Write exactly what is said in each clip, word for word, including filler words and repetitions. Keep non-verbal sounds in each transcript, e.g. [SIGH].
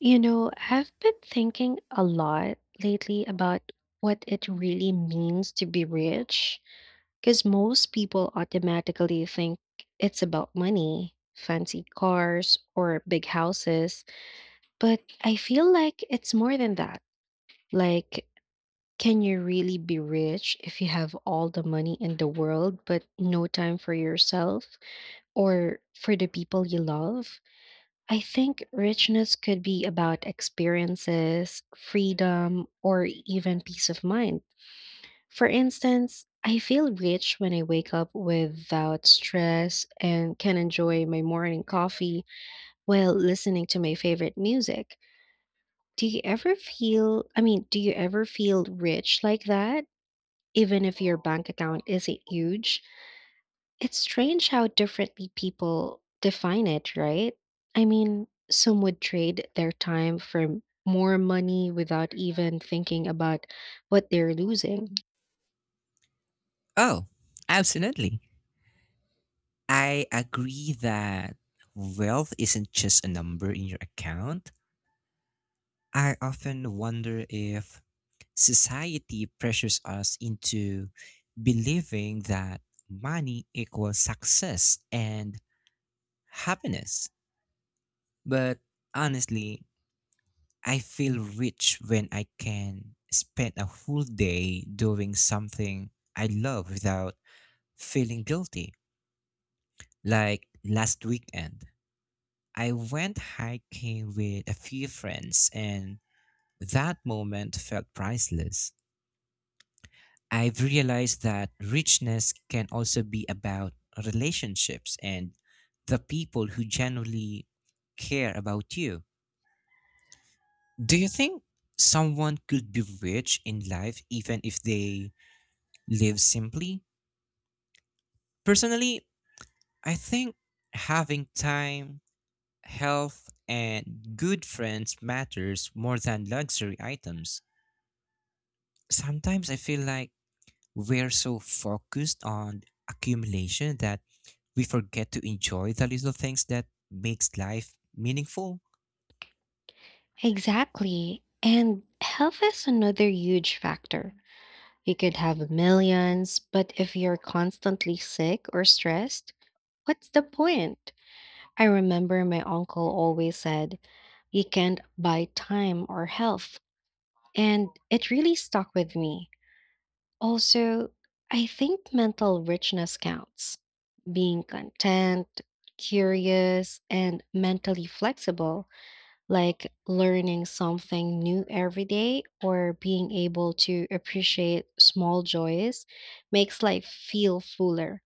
You know, I've been thinking a lot lately about what it really means to be rich, because most people automatically think it's about money, fancy cars, or big houses. But I feel like it's more than that. Like, can you really be rich if you have all the money in the world, but no time for yourself or for the people you love? I think richness could be about experiences, freedom, or even peace of mind. For instance, I feel rich when I wake up without stress and can enjoy my morning coffee while listening to my favorite music. Do you ever feel, I mean, do you ever feel rich like that, even if your bank account isn't huge? It's strange how differently people define it, right? I mean, some would trade their time for m- more money without even thinking about what they're losing. Oh, absolutely. I agree that wealth isn't just a number in your account. I often wonder if society pressures us into believing that money equals success and happiness. But honestly, I feel rich when I can spend a whole day doing something I love without feeling guilty. Like last weekend. I went hiking with a few friends, and that moment felt priceless. I've realized that richness can also be about relationships and the people who genuinely care about you. Do you think someone could be rich in life even if they live simply? Personally, I think having time, health, and good friends matters more than luxury items. Sometimes I feel like we're so focused on accumulation that we forget to enjoy the little things that makes life meaningful. Exactly. And health is another huge factor. You could have millions, but if you're constantly sick or stressed, what's the point? I remember my uncle always said, "You can't buy time or health." And it really stuck with me. Also, I think mental richness counts. Being content, curious, and mentally flexible, like learning something new every day or being able to appreciate small joys, makes life feel fuller.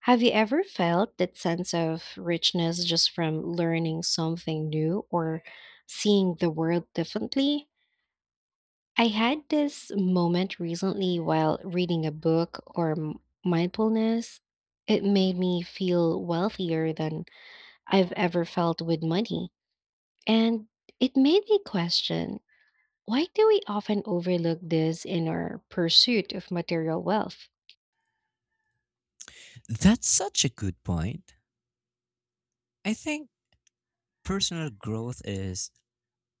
Have you ever felt that sense of richness just from learning something new or seeing the world differently? I had this moment recently while reading a book or m- mindfulness. It made me feel wealthier than I've ever felt with money. And it made me question, why do we often overlook this in our pursuit of material wealth? That's such a good point. I think personal growth is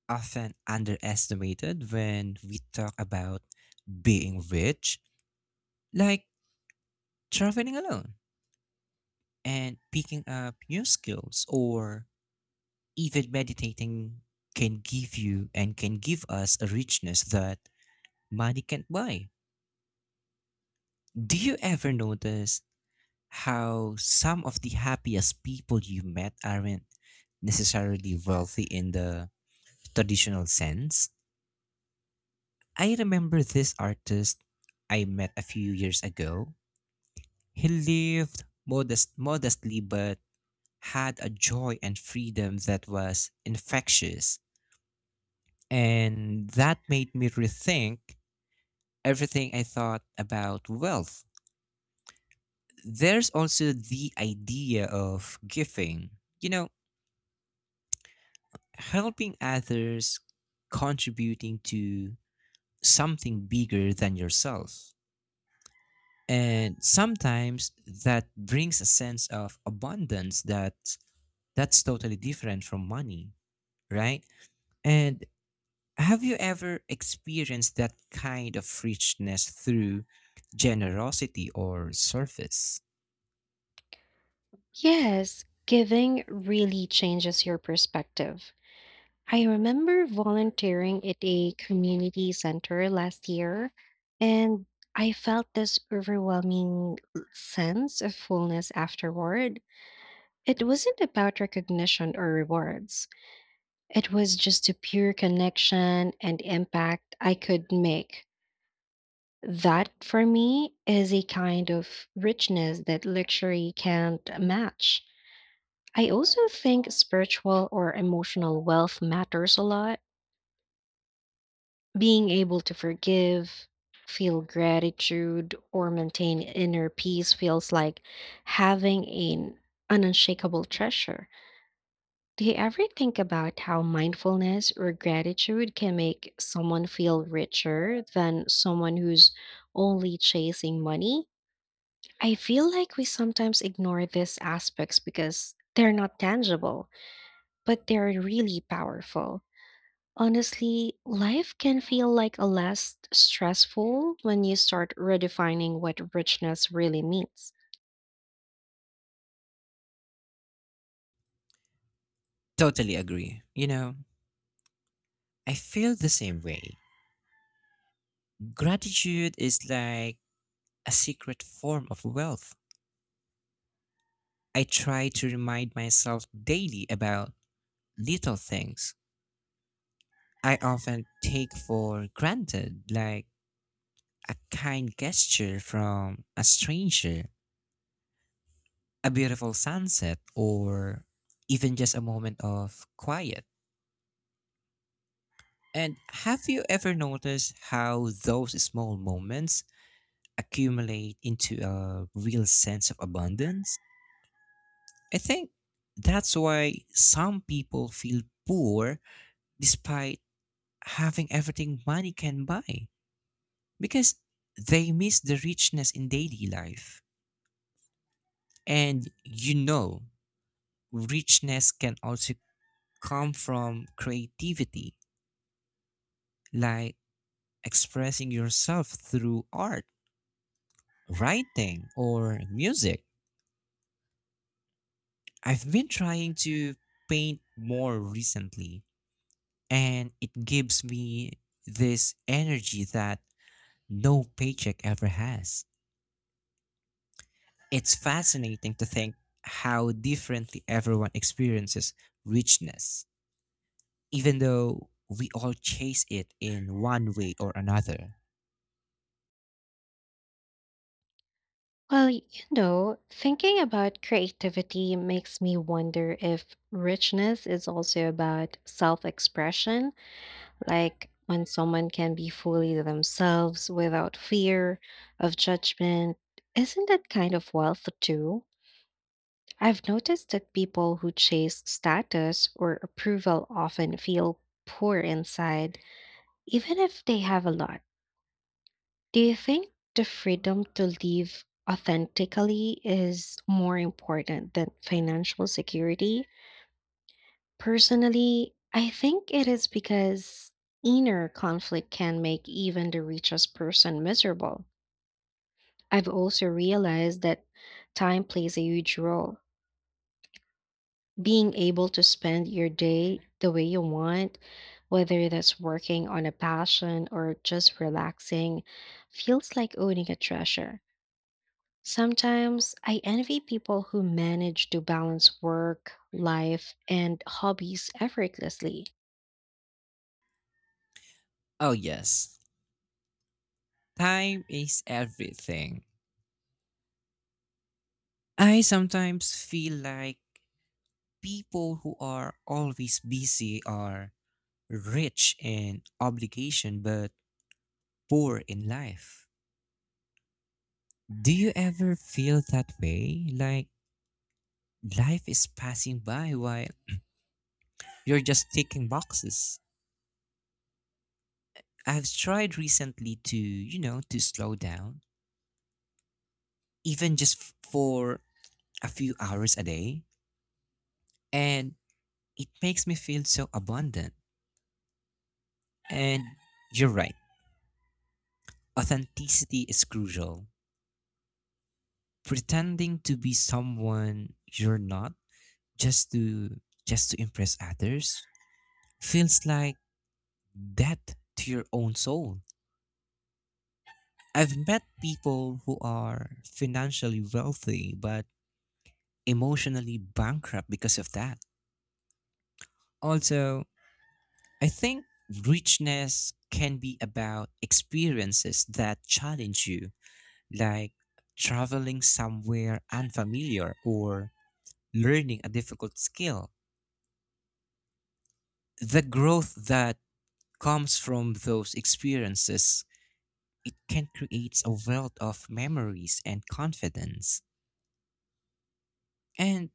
often underestimated when we talk about being rich, like traveling alone and picking up new skills or even meditating can give you and can give us a richness that money can't buy. Do you ever notice how some of the happiest people you met aren't necessarily wealthy in the traditional sense? I remember this artist I met a few years ago. He lived modest, modestly but had a joy and freedom that was infectious. And that made me rethink everything I thought about wealth. There's also the idea of giving. You know, helping others, contributing to something bigger than yourself. And sometimes that brings a sense of abundance that that's totally different from money, right? And have you ever experienced that kind of richness through generosity or service? Yes, giving really changes your perspective. I remember volunteering at a community center last year, and I felt this overwhelming sense of fullness afterward. It wasn't about recognition or rewards, it was just a pure connection and impact I could make. That for me is a kind of richness that luxury can't match. I also think spiritual or emotional wealth matters a lot. Being able to forgive, feel gratitude, or maintain inner peace feels like having an, an unshakable treasure. Do you ever think about how mindfulness or gratitude can make someone feel richer than someone who's only chasing money? I feel like we sometimes ignore these aspects because they're not tangible, but they're really powerful. Honestly, life can feel like a less stressful when you start redefining what richness really means. Totally agree. You know, I feel the same way. Gratitude is like a secret form of wealth I try to remind myself daily about little things I often take for granted, like a kind gesture from a stranger, a beautiful sunset, or even just a moment of quiet. And have you ever noticed how those small moments accumulate into a real sense of abundance? I think that's why some people feel poor despite having everything money can buy because they miss the richness in daily life. And you know, richness can also come from creativity, like expressing yourself through art, writing, or music. I've been trying to paint more recently, and it gives me this energy that no paycheck ever has. It's fascinating to think how differently everyone experiences richness, even though we all chase it in one way or another. Well, you know, thinking about creativity makes me wonder if richness is also about self expression, like when someone can be fully themselves without fear of judgment. Isn't that kind of wealth too? I've noticed that people who chase status or approval often feel poor inside, even if they have a lot. Do you think the freedom to live authentically is more important than financial security? Personally, I think it is because inner conflict can make even the richest person miserable. I've also realized that time plays a huge role. Being able to spend your day the way you want, whether that's working on a passion or just relaxing, feels like owning a treasure. Sometimes I envy people who manage to balance work, life, and hobbies effortlessly. Oh, yes, time is everything. I sometimes feel like people who are always busy are rich in obligation but poor in life. Do you ever feel that way? Like life is passing by while you're just ticking boxes? I've tried recently to, you know, to slow down, even just f- for a few hours a day, and it makes me feel so abundant. And you're right, authenticity is crucial. Pretending to be someone you're not just to just to impress others feels like death to your own soul. I've met people who are financially wealthy but emotionally bankrupt because of that. Also, I think richness can be about experiences that challenge you, like traveling somewhere unfamiliar or learning a difficult skill. The growth that comes from those experiences, it can create a wealth of memories and confidence. And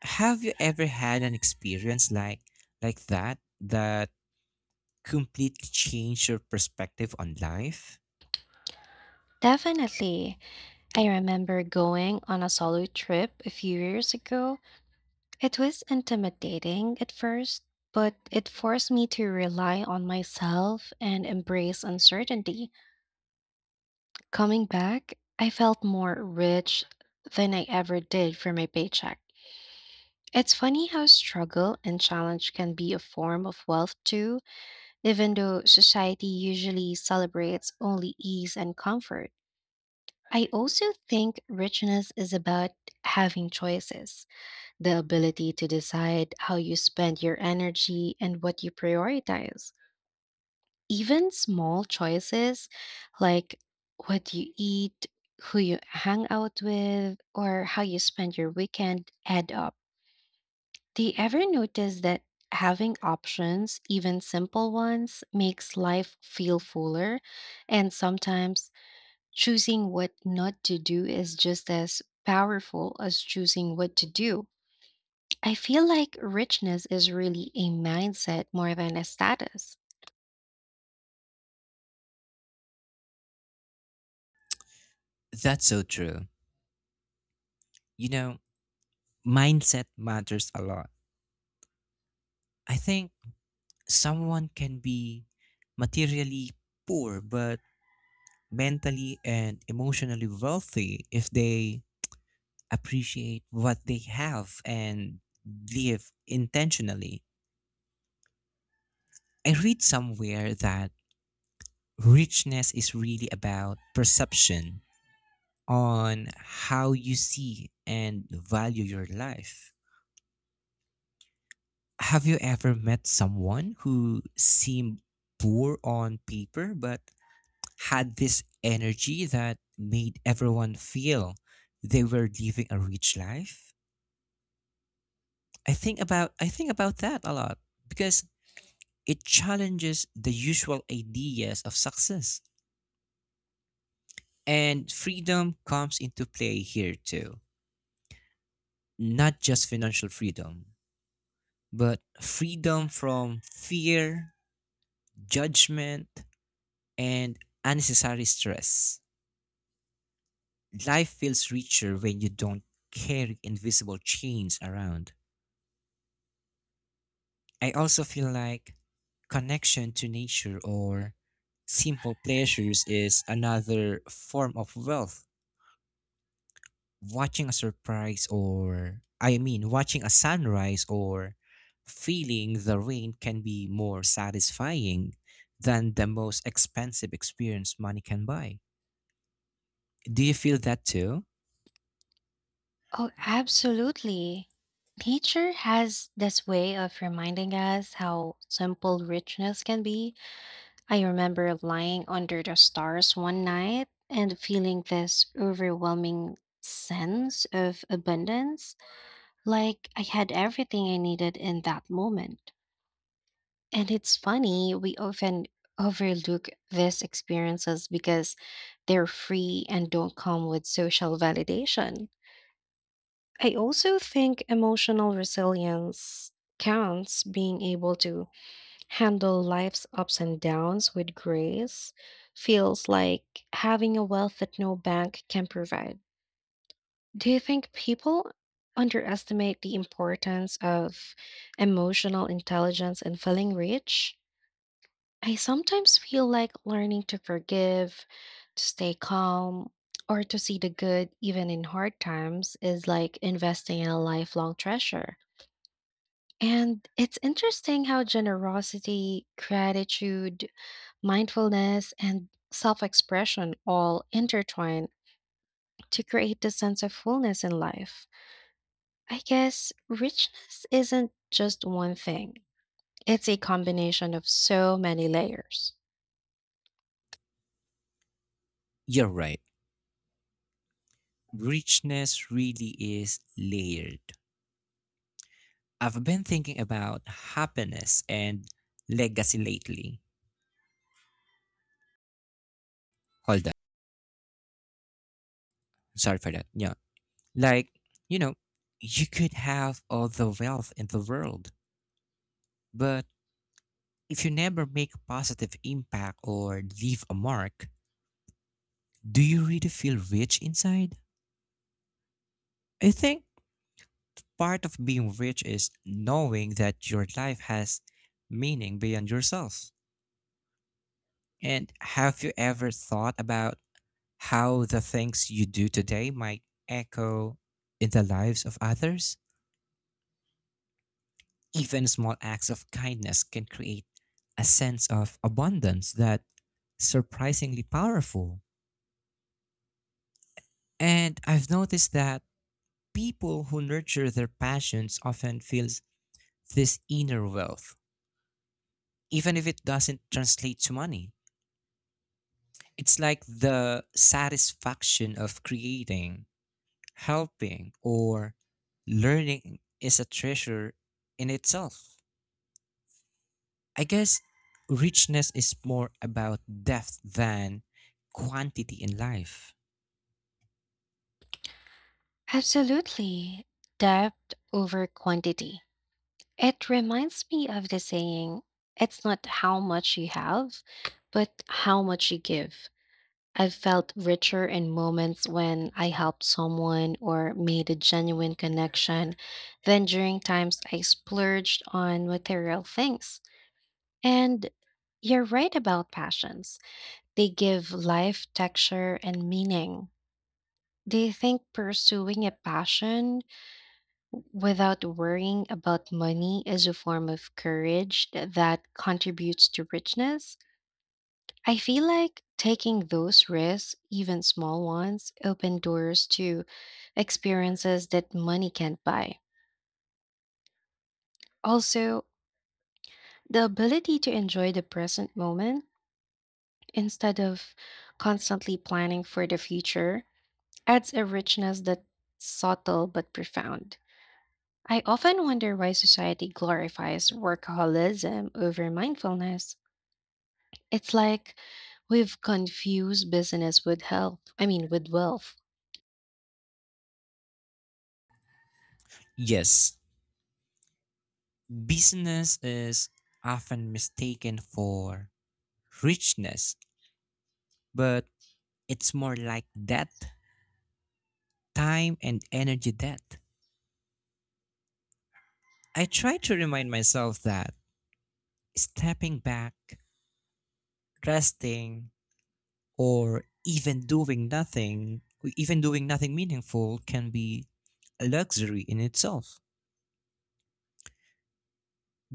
have you ever had an experience like like that that completely changed your perspective on life? Definitely. I remember going on a solo trip a few years ago. It was intimidating at first, but it forced me to rely on myself and embrace uncertainty. Coming back, I felt more rich than I ever did for my paycheck. It's funny how struggle and challenge can be a form of wealth too, even though society usually celebrates only ease and comfort. I also think richness is about having choices, the ability to decide how you spend your energy and what you prioritize. Even small choices like what you eat, who you hang out with, or how you spend your weekend add up. Do you ever notice that having options, even simple ones, makes life feel fuller? And sometimes choosing what not to do is just as powerful as choosing what to do. I feel like richness is really a mindset more than a status. That's so true. You know, mindset matters a lot. I think someone can be materially poor but mentally and emotionally wealthy if they appreciate what they have and live intentionally. I read somewhere that richness is really about perception on how you see and value your life. Have you ever met someone who seemed poor on paper but had this energy that made everyone feel they were living a rich life. I think about I think about that a lot because it challenges the usual ideas of success. And freedom comes into play here too. Not just financial freedom, but freedom from fear, judgment, and unnecessary stress. Life feels richer when you don't carry invisible chains around. I also feel like connection to nature or simple pleasures is another form of wealth. Watching a surprise or, I mean, watching a sunrise or feeling the rain can be more satisfying than the most expensive experience money can buy. Do you feel that too? Oh, absolutely. Nature has this way of reminding us how simple richness can be. I remember lying under the stars one night and feeling this overwhelming sense of abundance, like I had everything I needed in that moment. And it's funny, we often overlook these experiences because they're free and don't come with social validation. I also think emotional resilience counts, being able to handle life's ups and downs with grace feels like having a wealth that no bank can provide. Do you think people underestimate the importance of emotional intelligence in feeling rich? I sometimes feel like learning to forgive, to stay calm, or to see the good even in hard times is like investing in a lifelong treasure. And it's interesting how generosity, gratitude, mindfulness, and self expression all intertwine to create the sense of fullness in life. I guess richness isn't just one thing, it's a combination of so many layers. You're right. Richness really is layered. I've been thinking about happiness and legacy lately. Hold that. Sorry for that. Yeah. Like, you know, you could have all the wealth in the world, but if you never make a positive impact or leave a mark, do you really feel rich inside? I think part of being rich is knowing that your life has meaning beyond yourself. And have you ever thought about how the things you do today might echo in the lives of others? Even small acts of kindness can create a sense of abundance that's surprisingly powerful. And I've noticed that people who nurture their passions often feels this inner wealth, even if it doesn't translate to money. It's like the satisfaction of creating, helping, or learning is a treasure in itself. I guess richness is more about depth than quantity in life. Absolutely. Depth over quantity. It reminds me of the saying, it's not how much you have, but how much you give. I've felt richer in moments when I helped someone or made a genuine connection than during times I splurged on material things. And you're right about passions, they give life texture and meaning. Do you think pursuing a passion without worrying about money is a form of courage that contributes to richness? I feel like taking those risks, even small ones, open doors to experiences that money can't buy. Also, the ability to enjoy the present moment instead of constantly planning for the future adds a richness that's subtle but profound. I often wonder why society glorifies workaholism over mindfulness. It's like we've confused business with health, I mean, with wealth. Yes, business is often mistaken for richness, but it's more like depth, time, and energy depth. I try to remind myself that stepping back, resting, or even doing nothing, even doing nothing meaningful can be a luxury in itself.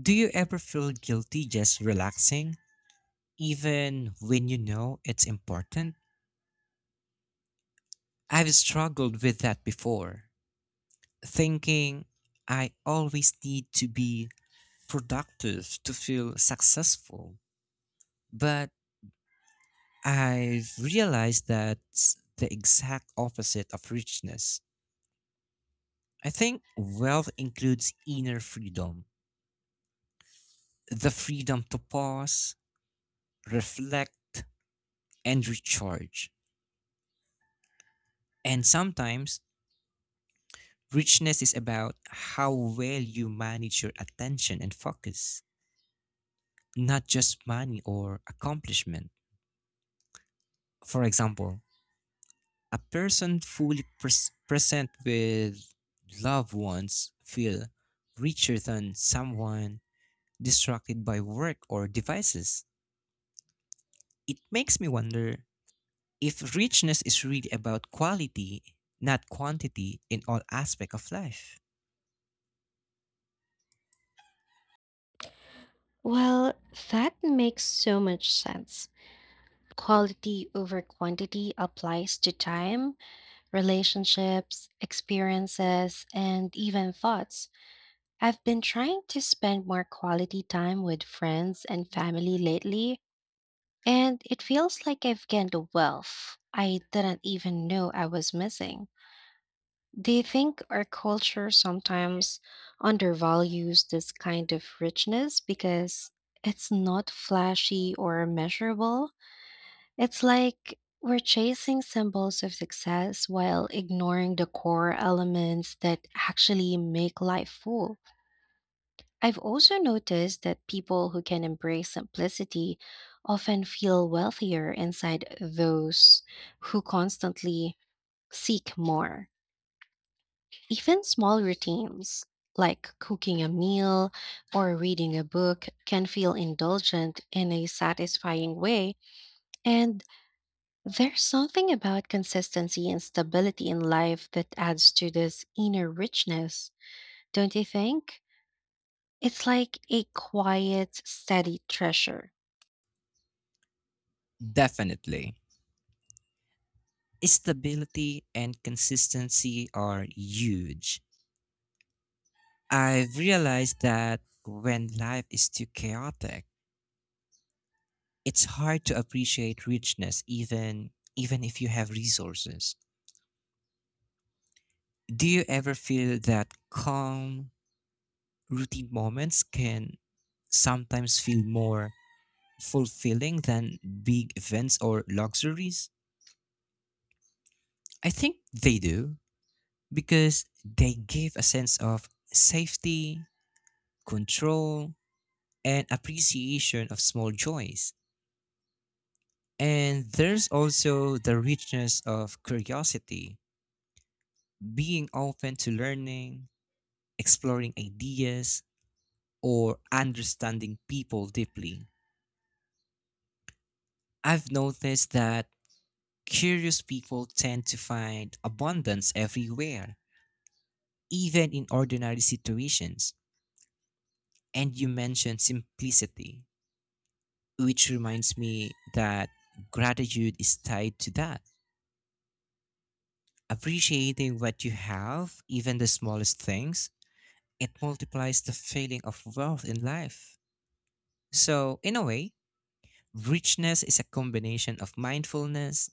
Do you ever feel guilty just relaxing, even when you know it's important? I've struggled with that before, thinking I always need to be productive to feel successful. But I've realized that's the exact opposite of richness. I think wealth includes inner freedom, the freedom to pause, reflect, and recharge. And sometimes richness is about how well you manage your attention and focus, not just money or accomplishment. For example, a person fully pres- present with loved ones feel richer than someone distracted by work or devices. It makes me wonder if richness is really about quality, not quantity in all aspects of life. Well, that makes so much sense. Quality over quantity applies to time, relationships, experiences, and even thoughts. I've been trying to spend more quality time with friends and family lately, and it feels like I've gained a wealth I didn't even know I was missing. Do you think our culture sometimes undervalues this kind of richness because it's not flashy or measurable? It's like we're chasing symbols of success while ignoring the core elements that actually make life full. I've also noticed that people who can embrace simplicity often feel wealthier inside those who constantly seek more. Even small routines like cooking a meal or reading a book can feel indulgent in a satisfying way. And there's something about consistency and stability in life that adds to this inner richness, don't you think? It's like a quiet, steady treasure. Definitely. Stability and consistency are huge. I've realized that when life is too chaotic, it's hard to appreciate richness even even if you have resources. Do you ever feel that calm routine moments can sometimes feel more fulfilling than big events or luxuries? I think they do because they give a sense of safety, control, and appreciation of small joys. And there's also the richness of curiosity, being open to learning, exploring ideas, or understanding people deeply. I've noticed that curious people tend to find abundance everywhere, even in ordinary situations. And you mentioned simplicity, which reminds me that gratitude is tied to that. Appreciating what you have, even the smallest things, it multiplies the feeling of wealth in life. So, in a way, richness is a combination of mindfulness,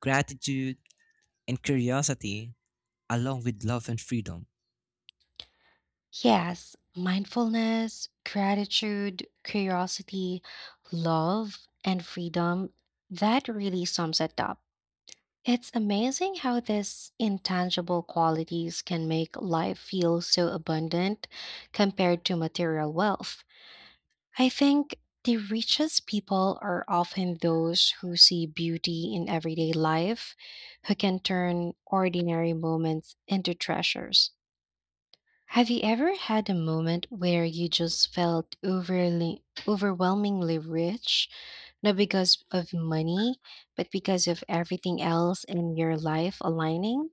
gratitude, and curiosity, along with love and freedom. Yes, mindfulness, gratitude, curiosity, love, and freedom. That really sums it up. It's amazing how these intangible qualities can make life feel so abundant compared to material wealth. I think the richest people are often those who see beauty in everyday life, who can turn ordinary moments into treasures. Have you ever had a moment where you just felt overly, overwhelmingly rich, not because of money, but because of everything else in your life aligning?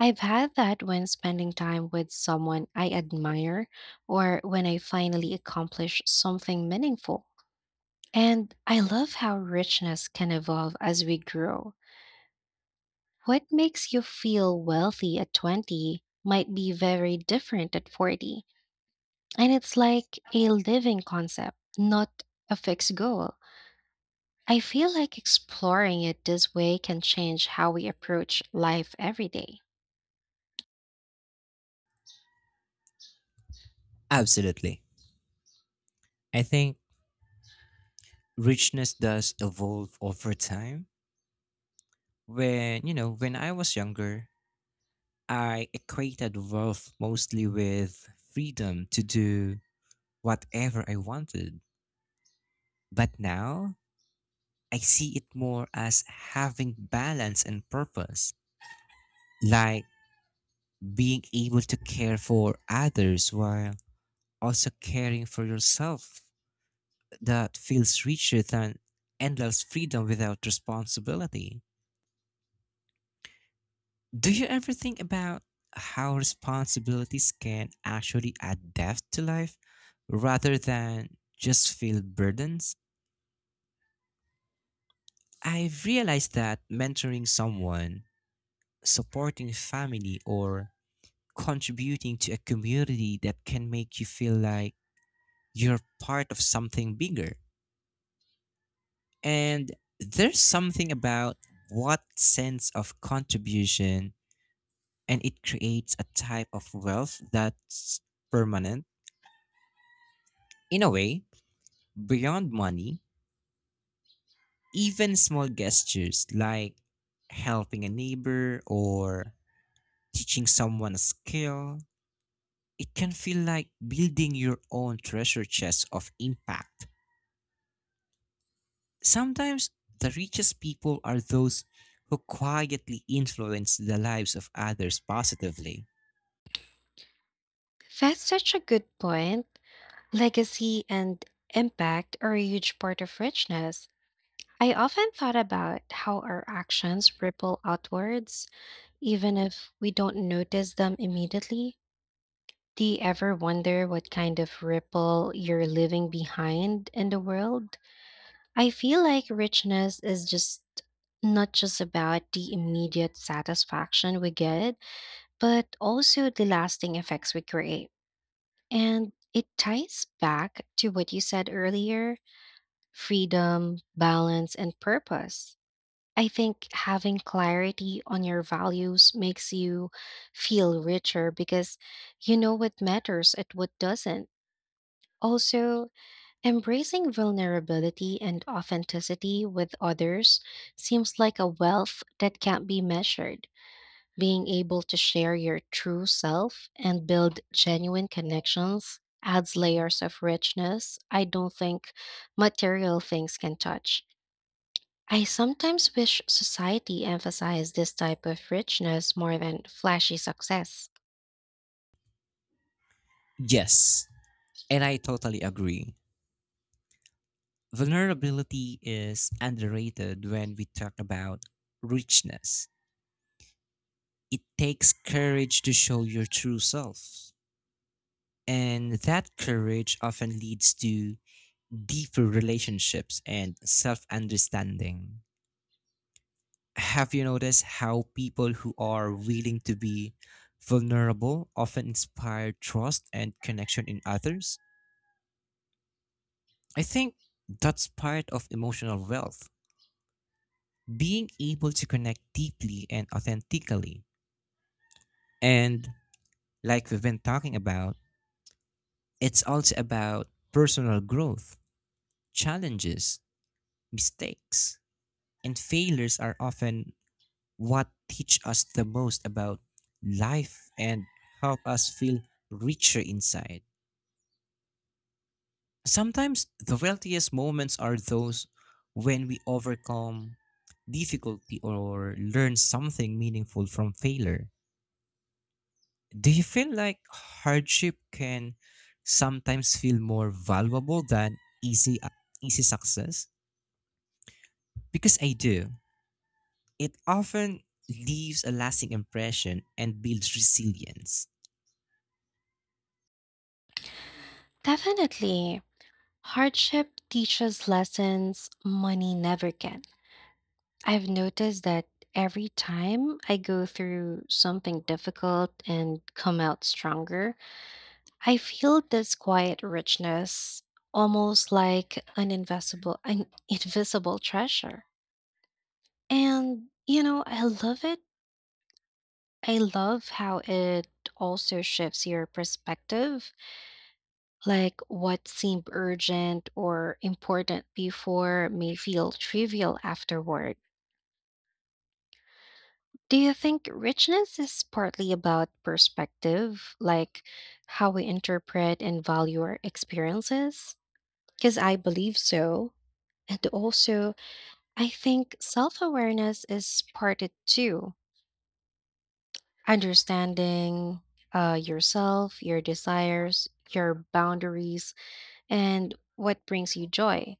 I've had that when spending time with someone I admire or when I finally accomplish something meaningful. And I love how richness can evolve as we grow. What makes you feel wealthy at twenty might be very different at forty. And it's like a living concept, not a fixed goal. I feel like exploring it this way can change how we approach life every day. Absolutely. I think richness does evolve over time. When, you know, when I was younger, I equated wealth mostly with freedom to do whatever I wanted. But now, I see it more as having balance and purpose, like being able to care for others while also caring for yourself. That feels richer than endless freedom without responsibility. Do you ever think about how responsibilities can actually adapt to life rather than just feel burdens? I've realized that mentoring someone, supporting family, or contributing to a community that can make you feel like you're part of something bigger. And there's something about what sense of contribution and it creates a type of wealth that's permanent. In a way, beyond money, even small gestures like helping a neighbor or teaching someone a skill, it can feel like building your own treasure chest of impact. Sometimes the richest people are those who quietly influence the lives of others positively. That's such a good point. Legacy and impact are a huge part of richness. I often thought about how our actions ripple outwards, even if we don't notice them immediately. Do you ever wonder what kind of ripple you're leaving behind in the world? I feel like richness is just not just about the immediate satisfaction we get, but also the lasting effects we create. And it ties back to what you said earlier: freedom, balance, and purpose. I think having clarity on your values makes you feel richer because you know what matters and what doesn't. Also, embracing vulnerability and authenticity with others seems like a wealth that can't be measured. Being able to share your true self and build genuine connections adds layers of richness I don't think material things can touch. I sometimes wish society emphasized this type of richness more than flashy success. Yes, and I totally agree. Vulnerability is underrated when we talk about richness. It takes courage to show your true self. And that courage often leads to deeper relationships and self understanding. Have you noticed how people who are willing to be vulnerable often inspire trust and connection in others? I think that's part of emotional wealth, being able to connect deeply and authentically. And like we've been talking about, it's also about personal growth, challenges, mistakes, and failures are often what teach us the most about life and help us feel richer inside. Sometimes the wealthiest moments are those when we overcome difficulty or learn something meaningful from failure. Do you feel like hardship can sometimes feel more valuable than easy easy success? Because I do. It often leaves a lasting impression and builds resilience. Definitely, hardship teaches lessons money never can. I've noticed that every time I go through something difficult and come out stronger, I feel this quiet richness, almost like an invisible, an [LAUGHS] invisible treasure. And you know, I love it I love how it also shifts your perspective. Like what seemed urgent or important before may feel trivial afterward. Do you think richness is partly about perspective, like how we interpret and value our experiences? Because I believe so. And also, I think self awareness is part it too, understanding uh, yourself, your desires, your boundaries, and what brings you joy.